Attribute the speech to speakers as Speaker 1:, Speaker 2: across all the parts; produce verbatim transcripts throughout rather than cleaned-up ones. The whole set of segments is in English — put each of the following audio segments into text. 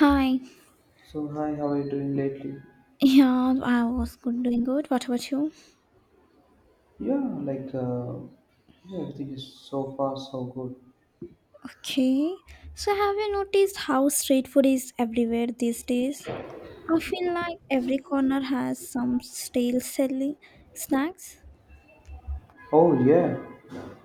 Speaker 1: Hi.
Speaker 2: So hi, how are you doing lately?
Speaker 1: Yeah, I was good, doing good. What about you?
Speaker 2: Yeah, like uh, yeah, everything is so far so good.
Speaker 1: Okay. So, have you noticed how street food is everywhere these days? I feel like every corner has some stale selling snacks.
Speaker 2: Oh yeah,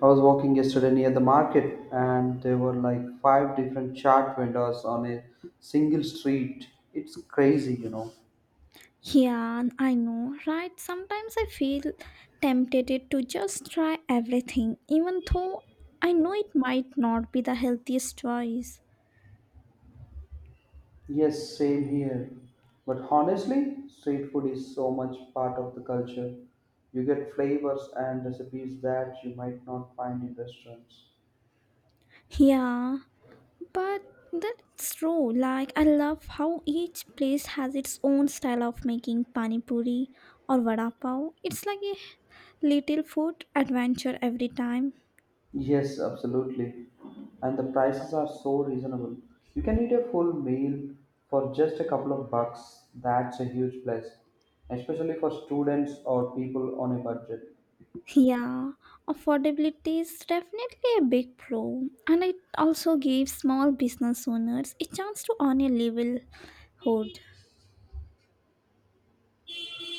Speaker 2: I was walking yesterday near the market, and there were like five different chart vendors on a single street. It's crazy, you know.
Speaker 1: Yeah, I know, right? Sometimes I feel tempted to just try everything, even though I know it might not be the healthiest choice.
Speaker 2: Yes, same here. But honestly, street food is so much part of the culture. You get flavors and recipes that you might not find in restaurants.
Speaker 1: Yeah, but that's true. Like I love how each place has its own style of making pani puri or vada pav. It's like a little food adventure every time.
Speaker 2: Yes, absolutely. And the prices are so reasonable. You can eat a full meal for just a couple of bucks. That's a huge plus, especially for students or people on a budget.
Speaker 1: Yeah, affordability is definitely a big pro, and it also gives small business owners a chance to earn a livelihood.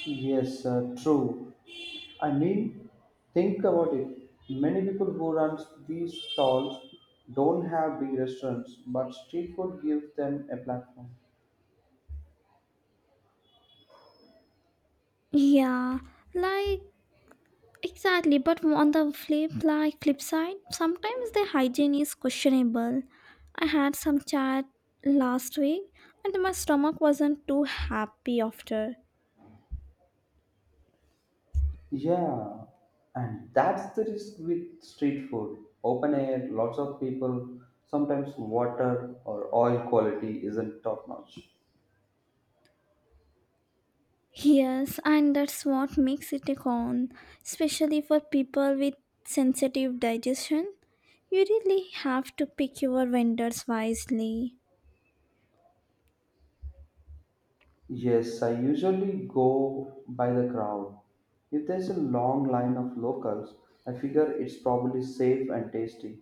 Speaker 2: Yes, uh, true. I mean, think about it. Many people who run these stalls don't have big restaurants, but street food gives them a platform.
Speaker 1: Yeah, like exactly, but on the flip like flip side, sometimes the hygiene is questionable. I had some chat last week and my stomach wasn't too happy after.
Speaker 2: Yeah, and that's the risk with street food. Open air, lots of people, sometimes water or oil quality isn't top notch.
Speaker 1: Yes, and that's what makes it a con, especially for people with sensitive digestion. You really have to pick your vendors wisely.
Speaker 2: Yes, I usually go by the crowd. If there's a long line of locals, I figure it's probably safe and tasty.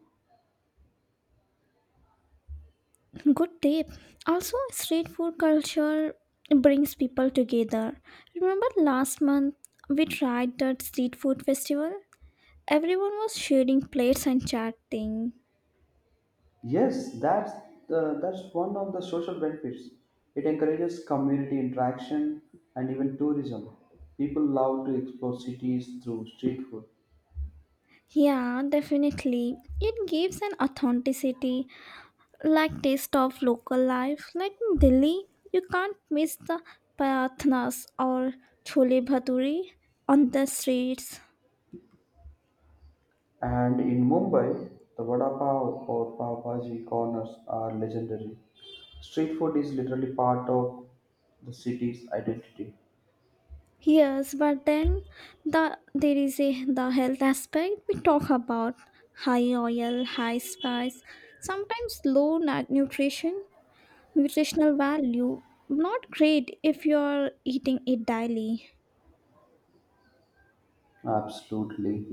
Speaker 1: Good tip. Also, street food culture brings people together. Remember last month we tried that street food festival? Everyone was sharing plates and chatting.
Speaker 2: Yes, that's the, that's one of the social benefits. It encourages community interaction and even tourism. People love to explore cities through street food.
Speaker 1: Yeah, definitely. It gives an authenticity, like taste of local life. Like in Delhi, you can't miss the parathnas or chole bhature on the streets.
Speaker 2: And in Mumbai, the vada pav or pav bhaji corners are legendary. Street food is literally part of the city's identity.
Speaker 1: Yes, but then the there is a the health aspect we talk about, high oil, high spice, sometimes low nu- nutrition, nutritional value. Not great if you're eating it daily.
Speaker 2: Absolutely.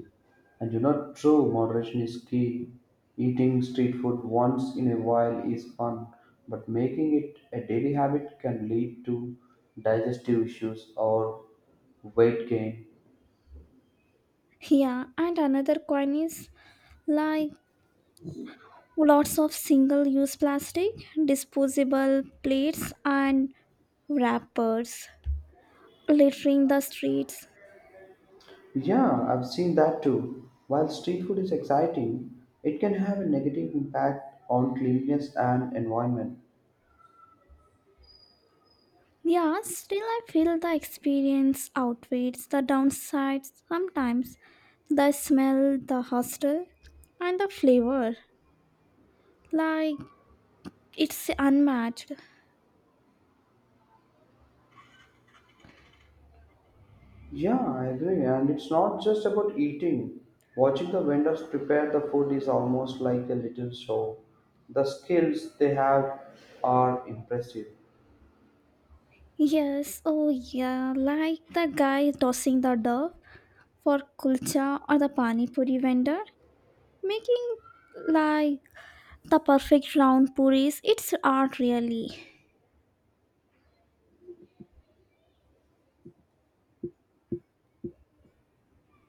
Speaker 2: And you know, true moderation is key. Eating street food once in a while is fun, but making it a daily habit can lead to digestive issues or weight gain.
Speaker 1: Yeah, and another coin is like lots of single-use plastic, disposable plates, and wrappers littering the streets.
Speaker 2: Yeah, I've seen that too. While street food is exciting, it can have a negative impact on cleanliness and environment.
Speaker 1: Yeah, still I feel the experience outweighs the downsides sometimes. The smell, the hostel, and the flavor. Like, it's unmatched.
Speaker 2: Yeah, I agree. And it's not just about eating. Watching the vendors prepare the food is almost like a little show. The skills they have are impressive.
Speaker 1: Yes, oh yeah, like the guy tossing the dough for kulcha or the pani puri vendor, making like the perfect round puris. It's art, really.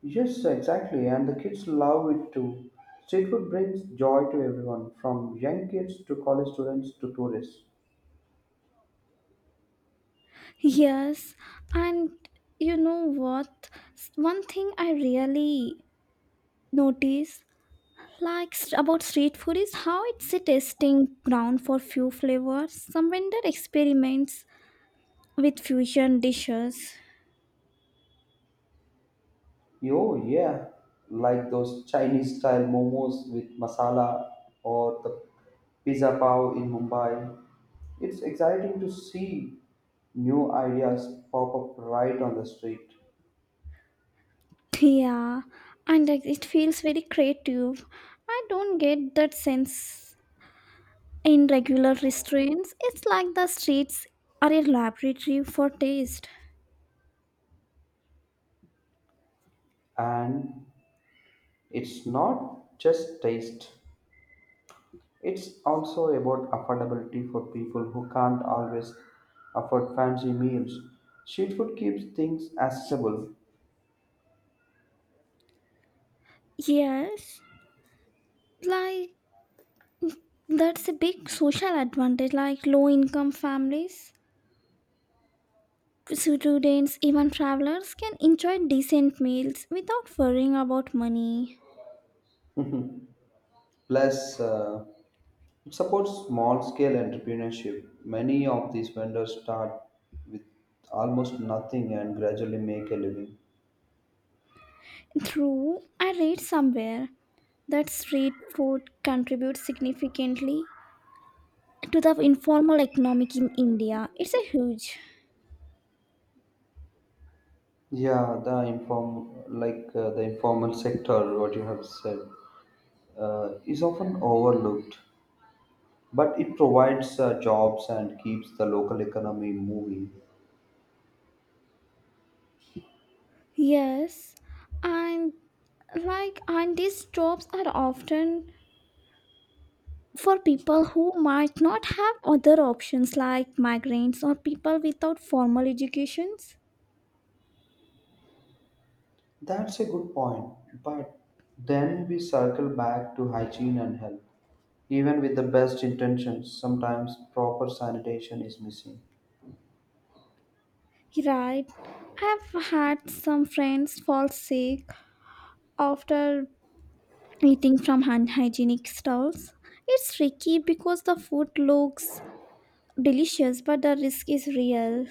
Speaker 2: Yes, exactly. And the kids love it too. Street food brings joy to everyone, from young kids to college students to tourists.
Speaker 1: Yes, and you know what? One thing I really notice, like, s- about street food is how it's a testing ground for few flavors, some vendor experiments with fusion dishes.
Speaker 2: Oh yeah, like those Chinese style momos with masala or the pizza pav in Mumbai. It's exciting to see new ideas pop up right on the street.
Speaker 1: Yeah, and, like, it feels very creative. I don't get that sense in regular restaurants. It's like the streets are a laboratory for taste.
Speaker 2: And it's not just taste, it's also about affordability for people who can't always afford fancy meals. Street food keeps things accessible.
Speaker 1: Yes, like that's a big social advantage, like low income families, students, even travelers can enjoy decent meals without worrying about money.
Speaker 2: Plus, uh, It supports small scale entrepreneurship. Many of these vendors start with almost nothing and gradually make a living.
Speaker 1: True, I read somewhere that street food contributes significantly to the informal economic in India. It's a huge.
Speaker 2: Yeah, the inform like uh, the informal sector, what you have said, uh, is often overlooked, but it provides uh, jobs and keeps the local economy moving.
Speaker 1: Yes, and like and these jobs are often for people who might not have other options, like migrants or people without formal educations.
Speaker 2: That's a good point, but then we circle back to hygiene and health. Even with the best intentions, sometimes proper sanitation is missing.
Speaker 1: Right. I've had some friends fall sick after eating from unhygienic stalls. It's tricky because the food looks delicious, but the risk is real.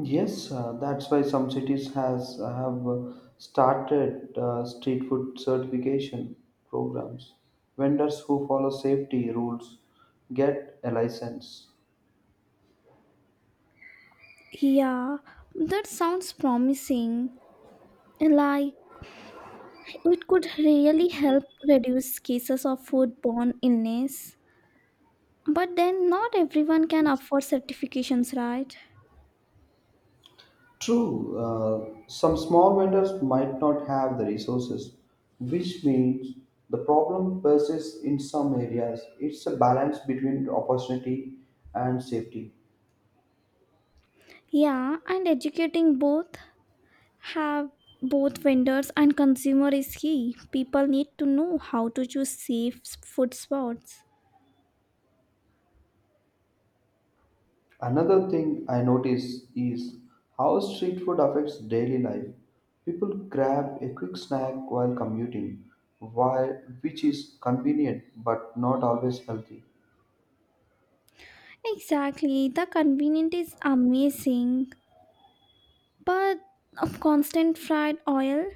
Speaker 2: Yes, uh, that's why some cities has have uh, started uh, street food certification programs. Vendors who follow safety rules get a license.
Speaker 1: Yeah, that sounds promising. Like, it could really help reduce cases of foodborne illness. But then, not everyone can afford certifications, right?
Speaker 2: True, uh, some small vendors might not have the resources, which means the problem persists in some areas. It's a balance between opportunity and safety.
Speaker 1: Yeah, and educating both have both vendors and consumer is key. People need to know how to choose safe food spots.
Speaker 2: Another thing I notice is how street food affects daily life. People grab a quick snack while commuting, while, which is convenient but not always healthy.
Speaker 1: Exactly, the convenience is amazing, but of constant fried oil,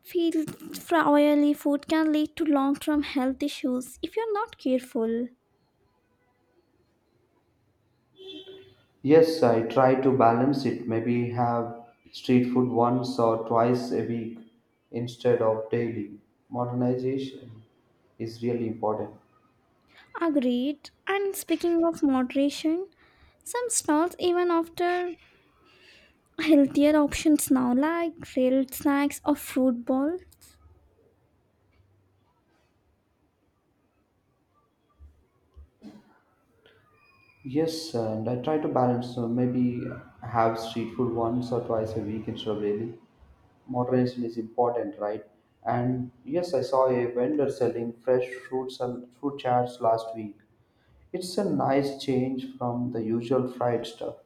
Speaker 1: field fry oily food can lead to long-term health issues if you're not careful.
Speaker 2: Yes, I try to balance it. Maybe have street food once or twice a week instead of daily. Modernization is really important.
Speaker 1: Agreed. And speaking of moderation, some stalls even offer healthier options now, like grilled snacks or fruit bowl.
Speaker 2: Yes, and I try to balance. So maybe have street food once or twice a week instead of daily. Moderation is important, right? And yes, I saw a vendor selling fresh fruits and fruit charts last week. It's a nice change from the usual fried stuff.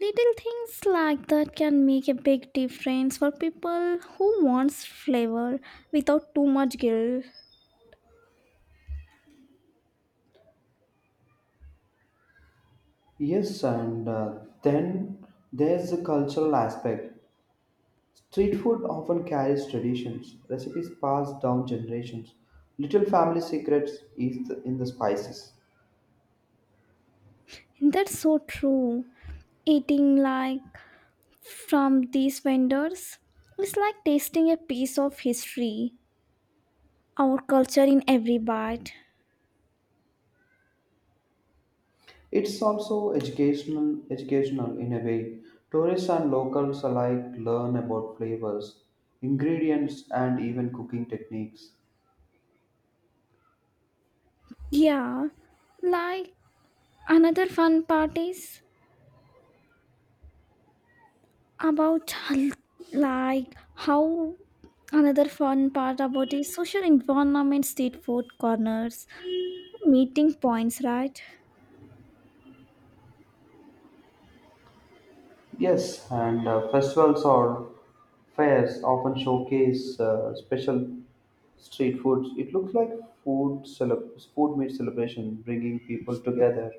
Speaker 1: Little things like that can make a big difference for people who wants flavor without too much guilt.
Speaker 2: Yes and uh, then there's the cultural aspect. Street food often carries traditions, recipes passed down generations, little family secrets is the, in the spices.
Speaker 1: That's so true. Eating, like, from these vendors is like tasting a piece of history, our culture in every bite.
Speaker 2: It's also educational educational in a way. Tourists and locals alike learn about flavors, ingredients and even cooking techniques.
Speaker 1: Yeah, like another fun part is about like how another fun part about is social environment, street food corners meeting points, right?
Speaker 2: Yes, and uh, festivals or fairs often showcase uh, special street foods. It looks like food cele food meet celebration, bringing people together.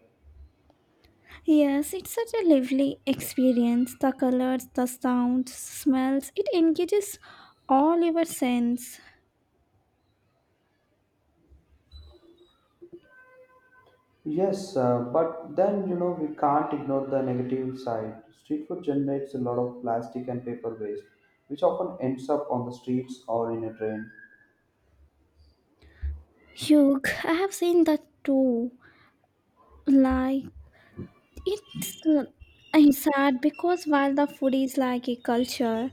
Speaker 1: Yes, it's such a lively experience. The colors, the sounds, smells, it engages all your sense.
Speaker 2: Yes, uh, but then you know we can't ignore the negative side. Street food generates a lot of plastic and paper waste, which often ends up on the streets or in a drain.
Speaker 1: Hugh, I have seen that too. Like, it's uh, it's sad because while the food is like a culture,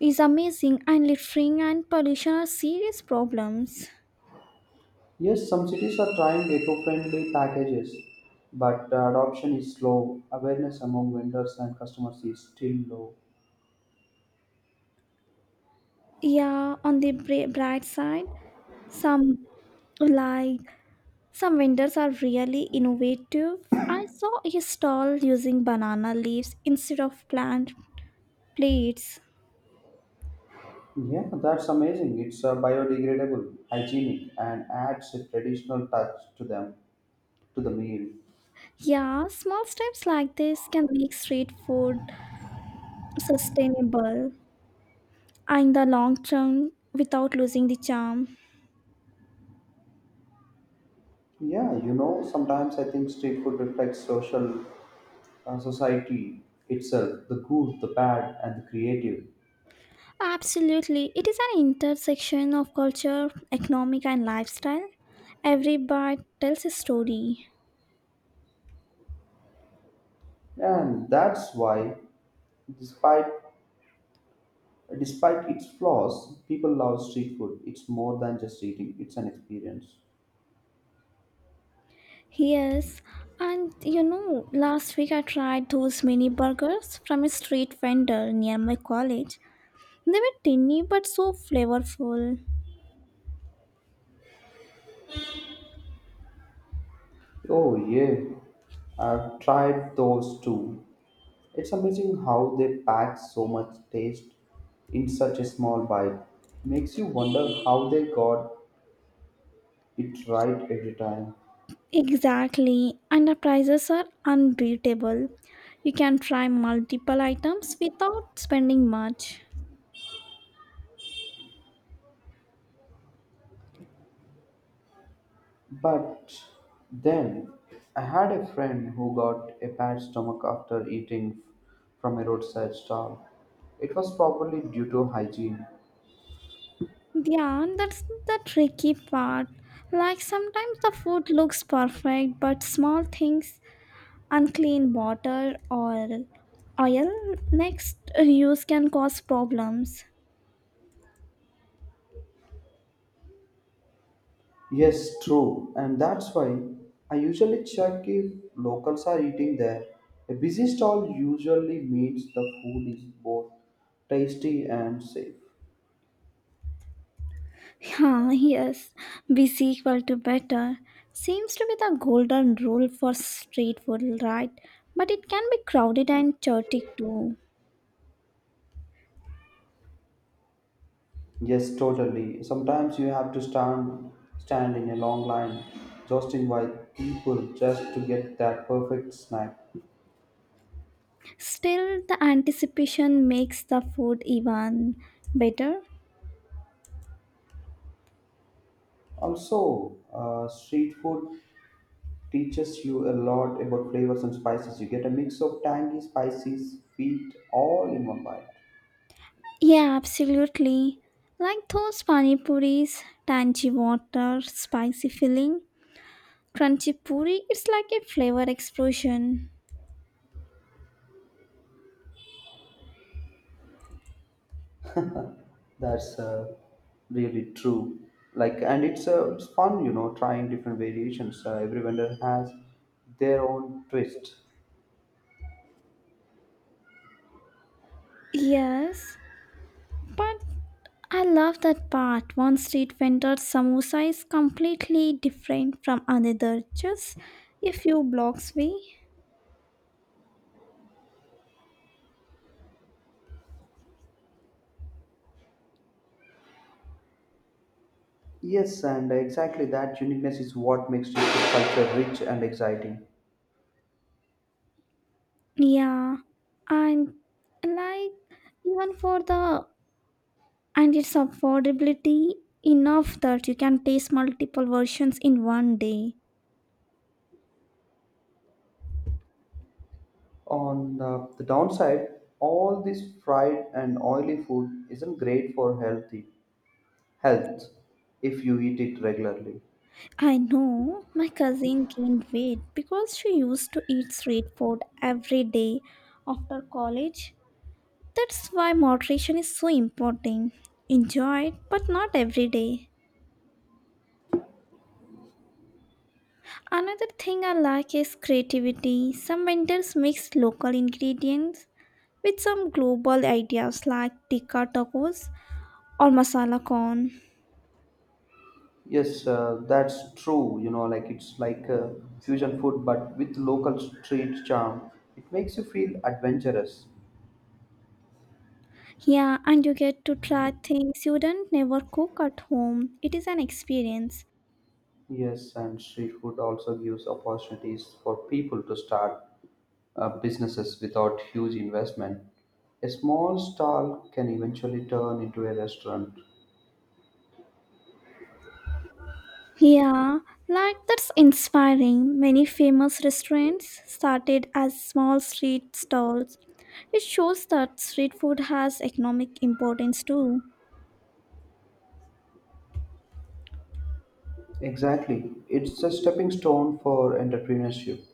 Speaker 1: is amazing, and littering and pollution are serious problems.
Speaker 2: Yes, some cities are trying eco-friendly packages, but uh, adoption is slow. Awareness among vendors and customers is still low.
Speaker 1: Yeah, on the bri- bright side, some like Some vendors are really innovative. I saw a stall using banana leaves instead of plant plates.
Speaker 2: Yeah, that's amazing. It's uh, biodegradable, hygienic, and adds a traditional touch to them to the meal.
Speaker 1: Yeah, small steps like this can make street food sustainable in the long term without losing the charm.
Speaker 2: Yeah, you know, sometimes I think street food reflects social uh, society itself, the good, the bad, and the creative.
Speaker 1: Absolutely, it is an intersection of culture, economic, and lifestyle. Every bite tells a story.
Speaker 2: And that's why, despite despite its flaws, people love street food. It's more than just eating, it's an experience.
Speaker 1: Yes, and you know, last week I tried those mini burgers from a street vendor near my college. They were tiny but so flavorful.
Speaker 2: Oh yeah, I've tried those too. It's amazing how they pack so much taste in such a small bite. Makes you wonder how they got it right every time.
Speaker 1: Exactly, and the prices are unbeatable. You can try multiple items without spending much.
Speaker 2: But then I had a friend who got a bad stomach after eating from a roadside stall. It was probably due to hygiene.
Speaker 1: Yeah, that's the tricky part. Like, sometimes the food looks perfect, but small things, unclean water or oil next use, can cause problems.
Speaker 2: Yes, true, and that's why I usually check if locals are eating there. A busy stall usually means the food is both tasty and safe.
Speaker 1: Yeah, yes, busy equal to better seems to be the golden rule for street food, right? But it can be crowded and chaotic too.
Speaker 2: Yes, totally. Sometimes you have to stand stand in a long line, jostling by people just to get that perfect snack.
Speaker 1: Still the anticipation makes the food even better.
Speaker 2: Also, uh, street food teaches you a lot about flavors and spices. You get a mix of tangy, spicy, sweet, all in one bite.
Speaker 1: Yeah, absolutely. Like those pani puris, tangy water, spicy filling. Crunchy puri, it's like a flavor explosion.
Speaker 2: That's uh, really true. Like, and it's uh, It's fun, you know, trying different variations. Uh, every vendor has their own twist.
Speaker 1: Yes, but I love that part. One street vendor's samosa is completely different from another, just a few blocks away.
Speaker 2: Yes, and exactly that uniqueness is what makes street food culture rich and exciting.
Speaker 1: Yeah, and, like, even for the, and its affordability enough that you can taste multiple versions in one day.
Speaker 2: On uh, the downside, all this fried and oily food isn't great for healthy health if you eat it regularly.
Speaker 1: I know my cousin gained weight because she used to eat street food every day after college. That's why moderation is so important. Enjoy it, but not every day. Another thing I like is creativity. Some vendors mix local ingredients with some global ideas like tikka tacos or masala corn.
Speaker 2: Yes, uh, that's true. You know, like it's like uh, fusion food, but with local street charm. It makes you feel adventurous.
Speaker 1: Yeah, and you get to try things you don't never cook at home. It is an experience.
Speaker 2: Yes, and street food also gives opportunities for people to start uh, businesses without huge investment. A small stall can eventually turn into a restaurant.
Speaker 1: Yeah, like that's inspiring. Many famous restaurants started as small street stalls. It shows that street food has economic importance too.
Speaker 2: Exactly. It's a stepping stone for entrepreneurship.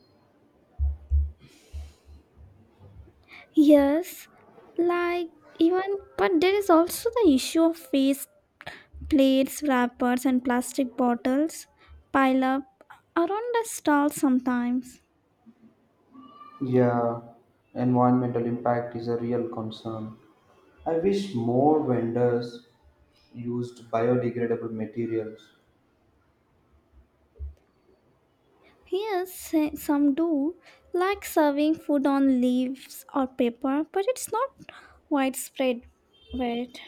Speaker 1: Yes, like even, but there is also the issue of waste, plates, wrappers, and plastic bottles pile up around the stall sometimes.
Speaker 2: Yeah, environmental impact is a real concern. I wish more vendors used biodegradable materials.
Speaker 1: Yes, s- some do, like serving food on leaves or paper, but it's not widespread. Wait.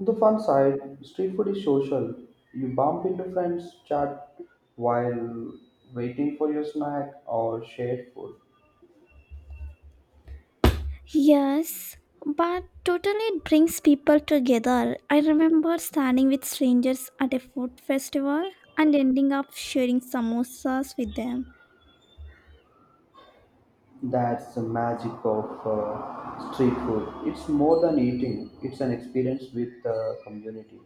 Speaker 2: The fun side, street food is social. You bump into friends, chat while waiting for your snack or shared food.
Speaker 1: Yes, but totally it brings people together. I remember standing with strangers at a food festival and ending up sharing samosas with them.
Speaker 2: That's the magic of uh, street food. It's more than eating, it's an experience with the community.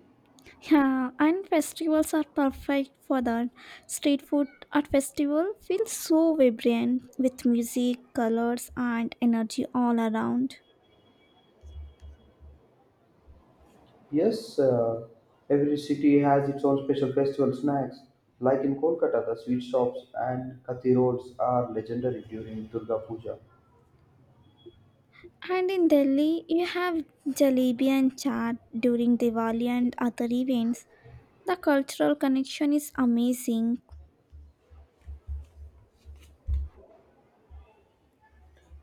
Speaker 1: Yeah, and festivals are perfect for that. Street food at festival feels so vibrant with music, colors, and energy all around.
Speaker 2: Yes, uh, every city has its own special festival snacks. Like in Kolkata, the sweet shops and kathi rolls are legendary during Durga Puja.
Speaker 1: And in Delhi, you have jalebi and chaat during Diwali and other events. The cultural connection is amazing.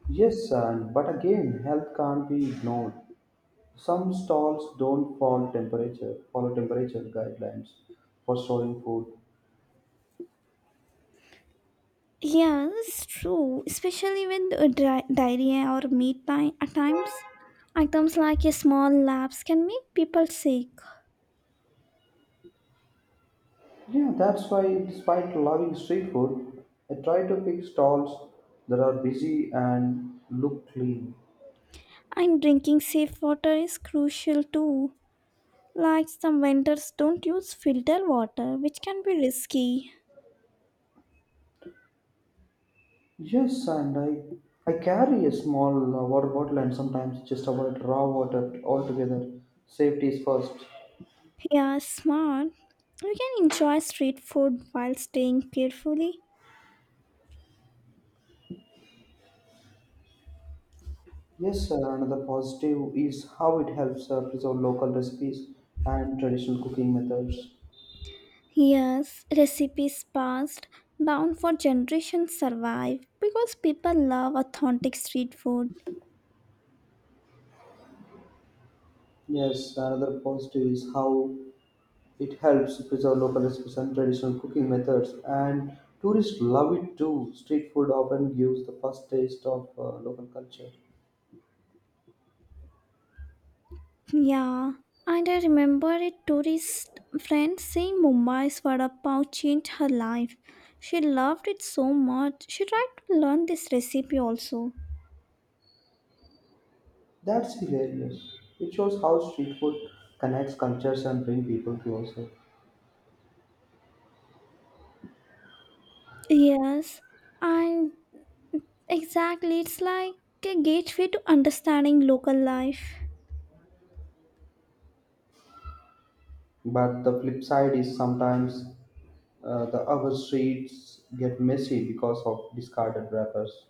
Speaker 2: Yes, and but again, health can't be ignored. Some stalls don't follow temperature, follow temperature guidelines for storing food.
Speaker 1: Yes, true. Especially with uh, dri- dairy or meat ti- at times. Items like a small lapse can make people sick.
Speaker 2: Yeah, that's why, despite loving street food, I try to pick stalls that are busy and look clean.
Speaker 1: And drinking safe water is crucial too. Like some vendors don't use filter water, which can be risky.
Speaker 2: Yes, and I, I carry a small uh, water bottle and sometimes just avoid raw water altogether. Safety is first.
Speaker 1: Yeah, smart. You can enjoy street food while staying carefully.
Speaker 2: Yes, uh, another positive is how it helps uh, preserve local recipes and traditional cooking methods.
Speaker 1: Yes, recipes passed down for generations survive because people love authentic street food.
Speaker 2: Yes, another positive is how it helps preserve local recipes and traditional cooking methods. And tourists love it too. Street food often gives the first taste of uh, local culture.
Speaker 1: Yeah, and I remember a tourist friend saying Mumbai's vada pav changed her life. She loved it so much. She tried to learn this recipe also.
Speaker 2: That's hilarious. It shows how street food connects cultures and brings people closer.
Speaker 1: Yes, and exactly, it's like a gateway to understanding local life.
Speaker 2: But the flip side is sometimes uh, the urban streets get messy because of discarded wrappers.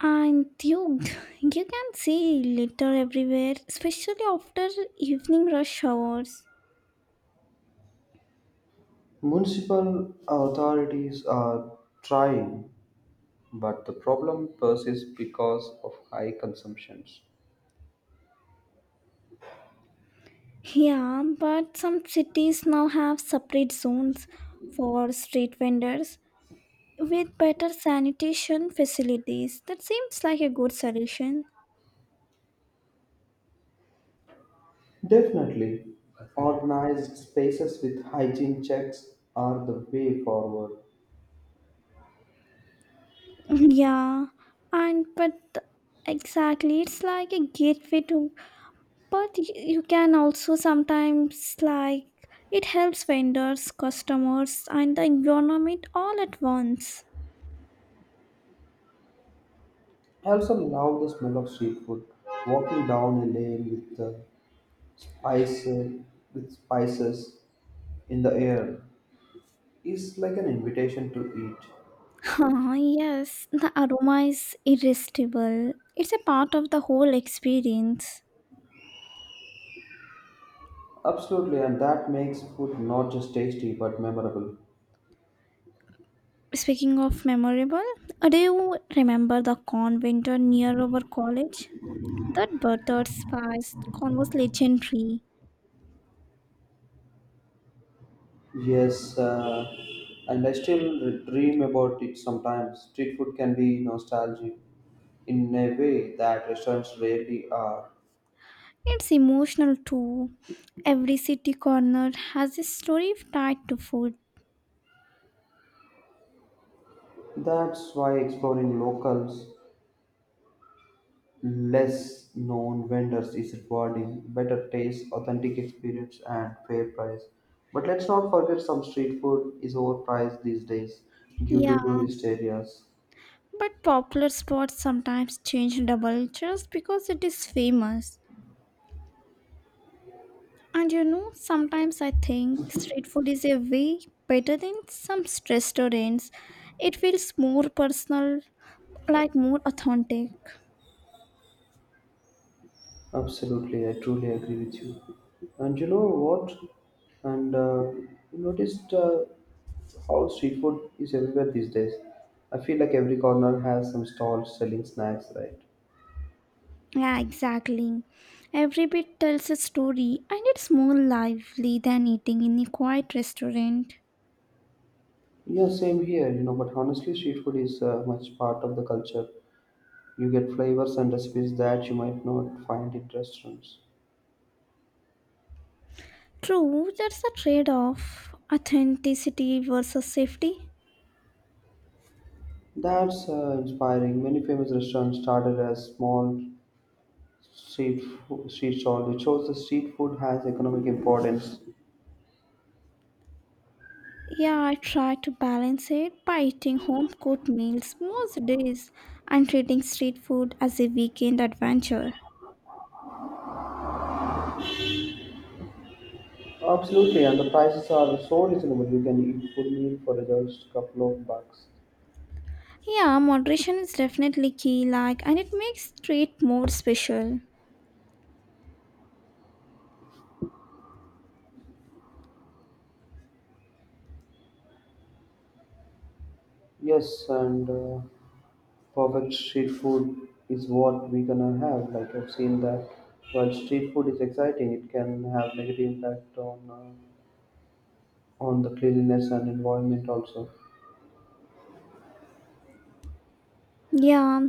Speaker 1: And you, you can see litter everywhere, especially after evening rush hours.
Speaker 2: Municipal authorities are trying, but the problem persists because of high consumptions.
Speaker 1: Yeah, but some cities now have separate zones for street vendors with better sanitation facilities. That seems like a good solution.
Speaker 2: Definitely, organized spaces with hygiene checks are the way forward.
Speaker 1: Yeah, and but exactly, it's like a gateway to, but y- you can also sometimes, like, it helps vendors, customers, and the environment all at once.
Speaker 2: I also love the smell of street food. Walking down a lane with the spice, with spices in the air is like an invitation to eat.
Speaker 1: Ah, yes, the aroma is irresistible. It's a part of the whole experience.
Speaker 2: Absolutely, and that makes food not just tasty but memorable.
Speaker 1: Speaking of memorable, uh, do you remember the corn winter near our college? That buttered spice corn was legendary.
Speaker 2: Yes, uh, and I still re- dream about it sometimes. Street food can be nostalgic in a way that restaurants rarely are.
Speaker 1: It's emotional too. Every city corner has a story tied to food.
Speaker 2: That's why exploring locals less known vendors is rewarding: better taste, authentic experience, and fair price. But let's not forget some street food is overpriced these days due
Speaker 1: Yeah,
Speaker 2: to tourist areas.
Speaker 1: but popular spots sometimes change double just because it is famous. And you know, sometimes I think street food is a way better than some restaurants. It feels more personal, like more authentic.
Speaker 2: Absolutely, I truly agree with you. And you know what? And uh, You noticed uh, how street food is everywhere these days. I feel like every corner has some stalls selling snacks, right?
Speaker 1: Yeah, exactly. Every bit tells a story and it's more lively than eating in a quiet restaurant.
Speaker 2: Yeah, same here, you know, but honestly, street food is uh, much part of the culture. You get flavors and recipes that you might not find in restaurants.
Speaker 1: True, that's a trade off authenticity versus safety.
Speaker 2: That's uh, inspiring. Many famous restaurants started as small street fo- street stalls. It shows the street food has economic importance.
Speaker 1: Yeah, I try to balance it by eating home cooked meals most days and treating street food as a weekend adventure.
Speaker 2: Absolutely, and the prices are so reasonable. You can eat full meal for just a couple of bucks.
Speaker 1: Yeah, moderation is definitely key, like, and it makes street more special.
Speaker 2: Yes, and uh, perfect street food is what we gonna have. Like I've seen that. While street food is exciting, it can have negative impact on uh, on the cleanliness and environment also.
Speaker 1: Yeah,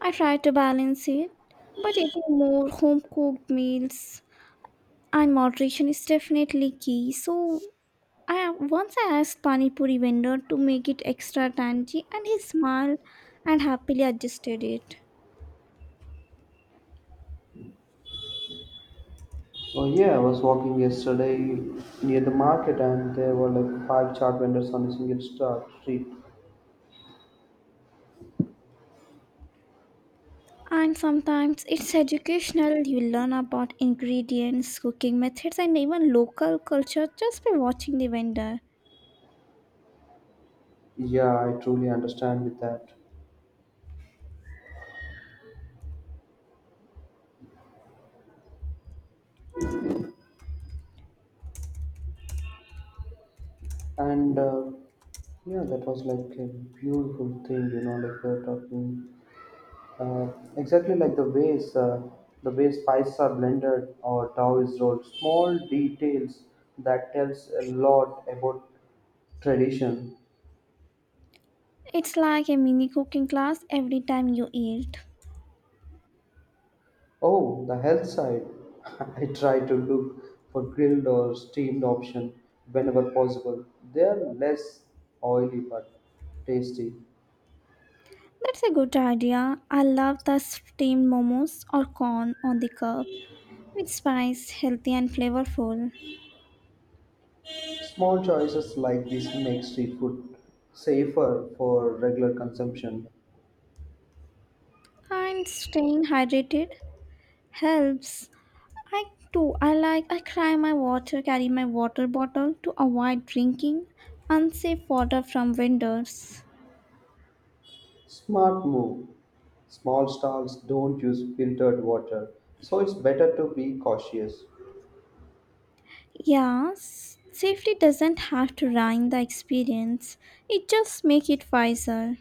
Speaker 1: I try to balance it, but eating more home cooked meals and moderation is definitely key. So, I once I asked Pani Puri vendor to make it extra tangy, and he smiled and happily adjusted it.
Speaker 2: Oh yeah, I was walking yesterday near the market and there were like five chart vendors on a single star street.
Speaker 1: And sometimes it's educational. You learn about ingredients, cooking methods, and even local culture just by watching the vendor.
Speaker 2: Yeah, I truly understand with that. And uh, Yeah, that was like a beautiful thing, you know, like we're talking uh, exactly like the ways uh, the way spices are blended or dough is rolled. Small details that tells a lot about tradition.
Speaker 1: It's like a mini cooking class every time you eat.
Speaker 2: Oh, the health side. I try to look for grilled or steamed option whenever possible. They are less oily but tasty.
Speaker 1: That's a good idea. I love the steamed momos or corn on the cob with spice, healthy and flavorful.
Speaker 2: Small choices like this make street food safer for regular consumption.
Speaker 1: And staying hydrated helps. I too, I like, I carry my water, carry my water bottle to avoid drinking unsafe water from vendors.
Speaker 2: Smart move. Small stalls don't use filtered water, so it's better to be cautious.
Speaker 1: Yeah, s- safety doesn't have to ruin the experience. It just make it wiser.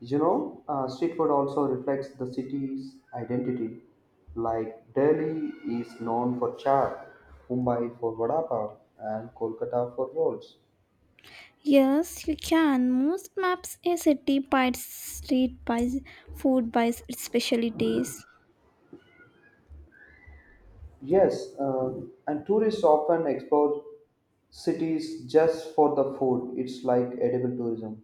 Speaker 2: You know, uh, street food also reflects the city's identity. Like Delhi is known for chaat, Mumbai for vada pav, and Kolkata for rolls.
Speaker 1: Yes, you can. Most maps a city by its street by s- food by s- its specialties.
Speaker 2: Yes, uh, and tourists often explore cities just for the food. It's like edible tourism.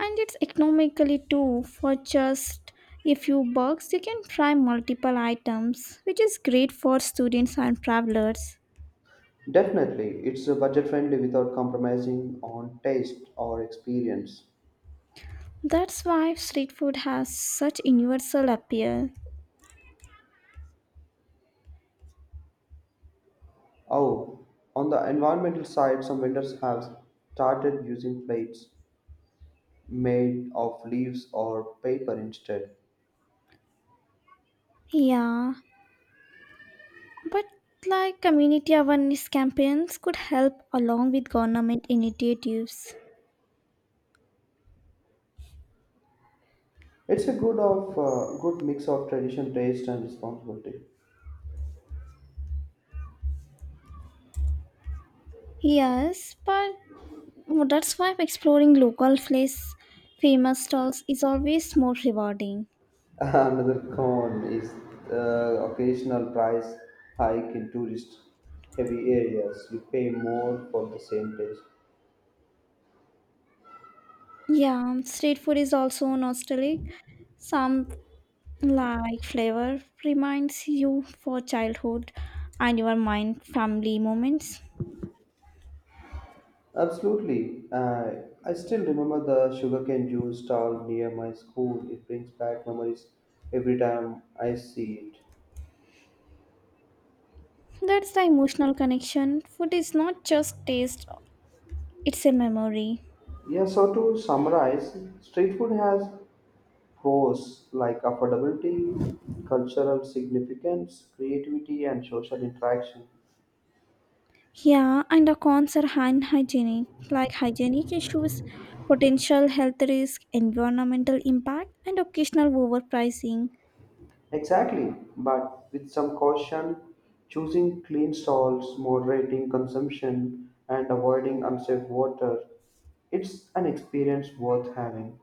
Speaker 1: And it's economically too. For just a few bucks, you can try multiple items, which is great for students and travelers.
Speaker 2: Definitely, it's uh, budget friendly without compromising on taste or experience.
Speaker 1: That's why street food has such universal appeal.
Speaker 2: Oh, on the environmental side, some vendors have started using plates made of leaves or paper instead.
Speaker 1: Yeah, but like community awareness campaigns could help along with government initiatives.
Speaker 2: It's a good of uh, good mix of tradition, taste, and responsibility.
Speaker 1: Yes, but that's why exploring local place famous stalls is always more rewarding.
Speaker 2: Another con is the occasional price hike in tourist-heavy areas. You pay more for the same taste.
Speaker 1: Yeah, street food is also nostalgic. Some like flavor reminds you for childhood and your mind family moments.
Speaker 2: Absolutely. Uh, I still remember the sugarcane juice stall near my school. It brings back memories every time I see it.
Speaker 1: That's the emotional connection. Food is not just taste, it's a memory.
Speaker 2: Yeah, so to summarize, street food has pros like affordability, cultural significance, creativity, and social interaction.
Speaker 1: Yeah, and the cons are unhygienic, like hygienic issues, potential health risk, environmental impact, and occasional overpricing.
Speaker 2: Exactly, but with some caution, choosing clean stalls, moderating consumption, and avoiding unsafe water. It's an experience worth having.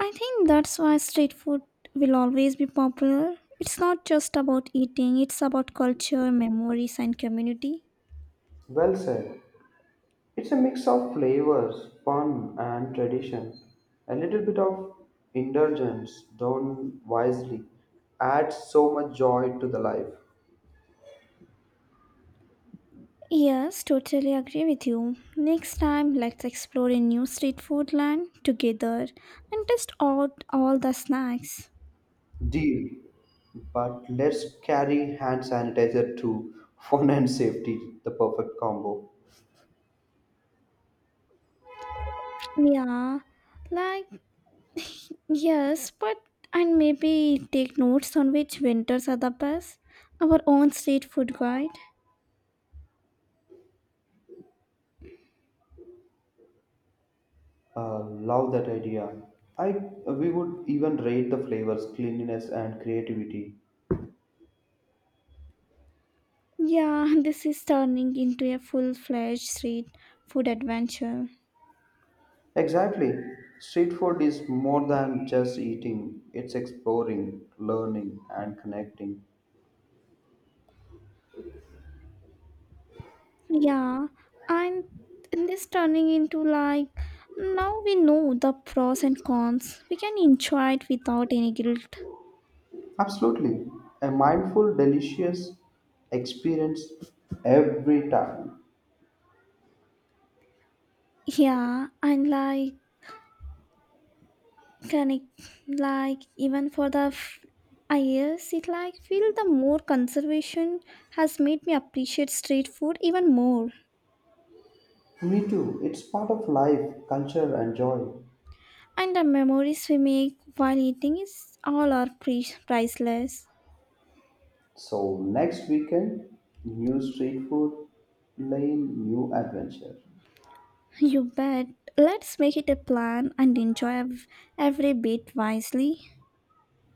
Speaker 1: I think that's why street food will always be popular. It's not just about eating, it's about culture, memories, and community.
Speaker 2: Well said. It's a mix of flavors, fun, and tradition. A little bit of indulgence done wisely adds so much joy to the life.
Speaker 1: Yes, totally agree with you. Next time, let's explore a new street food land together and test out all the snacks.
Speaker 2: Deal. But let's carry hand sanitizer too. Fun and safety, the perfect combo.
Speaker 1: Yeah, like Yes, but and maybe take notes on which winters are the best. Our own street food guide.
Speaker 2: Uh, Love that idea. I We would even rate the flavors, cleanliness, and creativity.
Speaker 1: Yeah, this is turning into a full-fledged street food adventure.
Speaker 2: Exactly. Street food is more than just eating. It's exploring, learning, and connecting.
Speaker 1: Yeah, and this turning into like now we know the pros and cons. We can enjoy it without any guilt.
Speaker 2: Absolutely, a mindful, delicious experience every time.
Speaker 1: Yeah, and like Correct. Like even for the f- I yes, it like feel the more conservation has made me appreciate street food even more.
Speaker 2: Me too. It's part of life, culture, and joy.
Speaker 1: And the memories we make while eating is all are pre- priceless.
Speaker 2: So next weekend, new street food lane, new adventure.
Speaker 1: You bet. Let's make it a plan and enjoy ev- every bit wisely.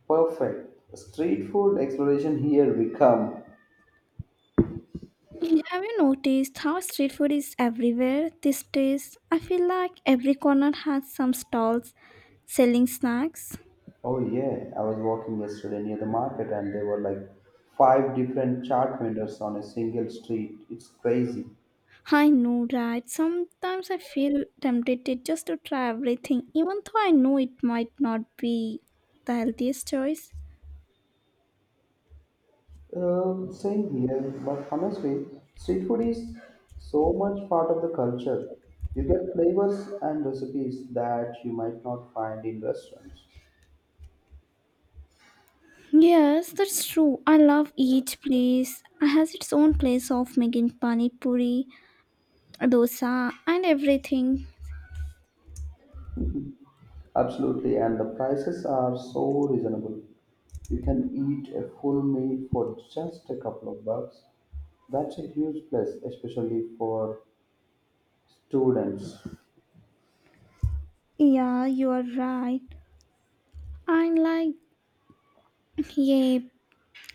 Speaker 2: Perfect. Street food exploration here we come.
Speaker 1: Have you noticed how street food is everywhere these days? I feel like every corner has some stalls selling snacks.
Speaker 2: Oh yeah, I was walking yesterday near the market and there were like five different chart vendors on a single street. It's crazy.
Speaker 1: I know, right? Sometimes I feel tempted just to try everything, even though I know it might not be the healthiest choice.
Speaker 2: Um, same here, but honestly, street food is so much part of the culture. You get flavors and recipes that you might not find in restaurants.
Speaker 1: Yes, that's true. I love each place. It has its own place of making pani puri, dosa, and everything.
Speaker 2: Absolutely, and the prices are so reasonable. You can eat a full meal for just a couple of bucks. That's a huge plus, especially for students.
Speaker 1: Yeah, you are right. And like, yeah,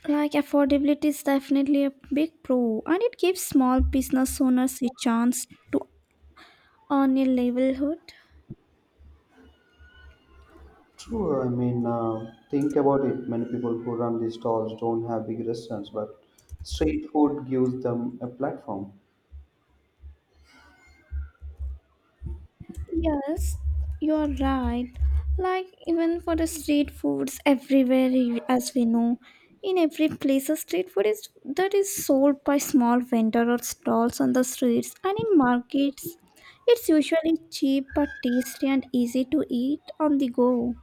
Speaker 1: like affordability is definitely a big pro, and it gives small business owners a chance to earn a livelihood.
Speaker 2: True, I mean, uh, think about it. Many people who run these stalls don't have big restaurants, but street food gives them a platform.
Speaker 1: Yes, you're right. Like even for the street foods everywhere i- as we know, in every place a street food is that is sold by small vendor or stalls on the streets and in markets. It's usually cheap but tasty and easy to eat on the go.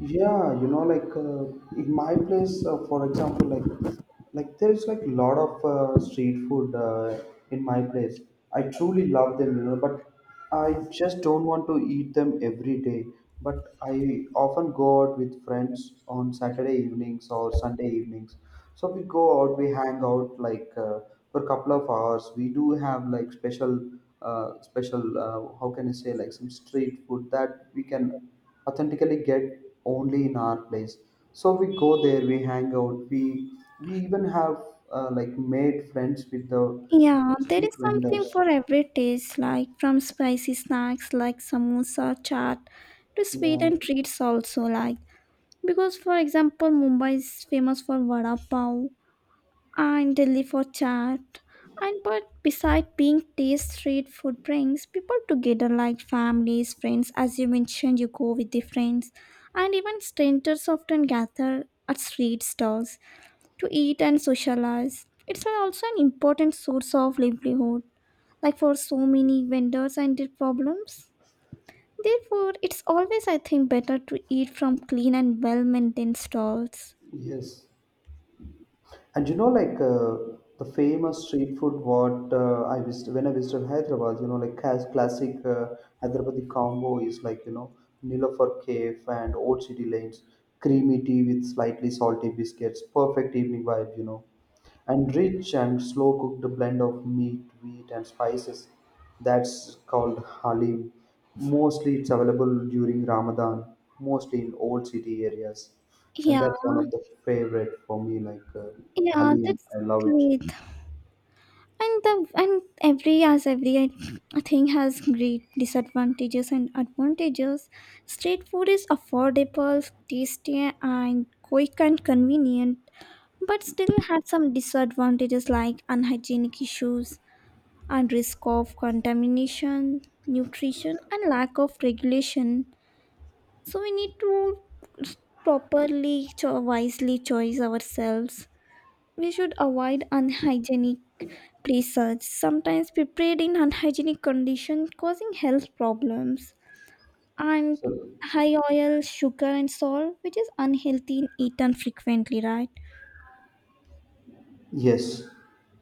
Speaker 2: Yeah, you know, like uh, in my place, uh, for example, like like there is like lot of uh, street food uh, in my place. I truly love them, you know, but I just don't want to eat them every day. But I often go out with friends on Saturday evenings or Sunday evenings. So we go out, we hang out like uh, for a couple of hours. We do have like special, uh, special, uh, how can I say, like some street food that we can authentically get only in our place, so we go there, we hang out, we we even have uh, like made friends with the
Speaker 1: Yeah, there
Speaker 2: street
Speaker 1: is something
Speaker 2: vendors.
Speaker 1: for every taste, like from spicy snacks like samosa, chaat, to sweet
Speaker 2: Yeah,
Speaker 1: and treats also like. Because for example, Mumbai is famous for vada pav, and Delhi for chat. And but beside being taste, street food brings people together like families, friends. As you mentioned, you go with the friends, and even strangers often gather at street stalls to eat and socialize. It's also an important source of livelihood, like for so many vendors and their problems. Therefore, it's always, I think, better to eat from clean and well maintained stalls.
Speaker 2: yes, and you know like uh, the famous street food what uh, I visited when I visited Hyderabad, you know, like has classic uh, Hyderabadi combo is like, you know, Nilofer Cave and old city lanes, creamy tea with slightly salty biscuits, perfect evening vibe, you know, and rich and slow cooked blend of meat, wheat, and spices, that's called halim. Mostly it's available during Ramadan, mostly in old city areas, and
Speaker 1: Yeah,
Speaker 2: that's one of the favorite for me. Like uh,
Speaker 1: yeah,
Speaker 2: halim,
Speaker 1: that's
Speaker 2: I love it.
Speaker 1: great. And the and every as every thing has great disadvantages and advantages. Street food is affordable, tasty, and quick and convenient, but still has some disadvantages like unhygienic issues and risk of contamination, nutrition and lack of regulation. So we need to properly cho- wisely choose ourselves. We should avoid unhygienic places, sometimes prepared in unhygienic condition causing health problems, and
Speaker 2: So
Speaker 1: high oil, sugar, and salt, which is unhealthy and eaten frequently, right?
Speaker 2: yes,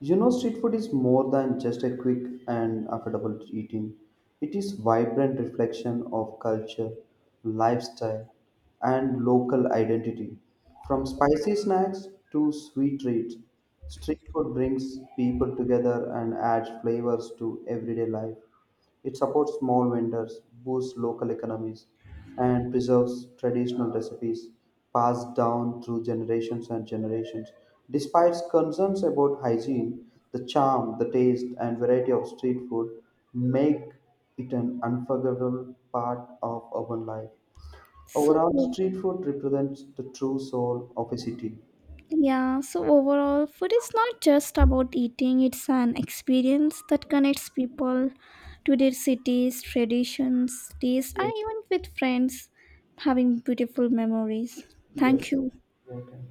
Speaker 2: you know, street food is more than just a quick and affordable eating. It is vibrant reflection of culture, lifestyle, and local identity. From spicy snacks to sweet treats, street food brings people together and adds flavors to everyday life. It supports small vendors, boosts local economies, and preserves traditional recipes passed down through generations and generations. Despite concerns about hygiene, the charm, the taste, and variety of street food make it an unforgettable part of urban life.
Speaker 1: So,
Speaker 2: Overall, street food represents the true soul of a city.
Speaker 1: yeah, so overall, food is not just about eating, it's an experience that connects people to their cities, traditions, taste, and
Speaker 2: Yes.
Speaker 1: even with friends having beautiful memories. Thank
Speaker 2: Yes.
Speaker 1: you.
Speaker 2: Okay.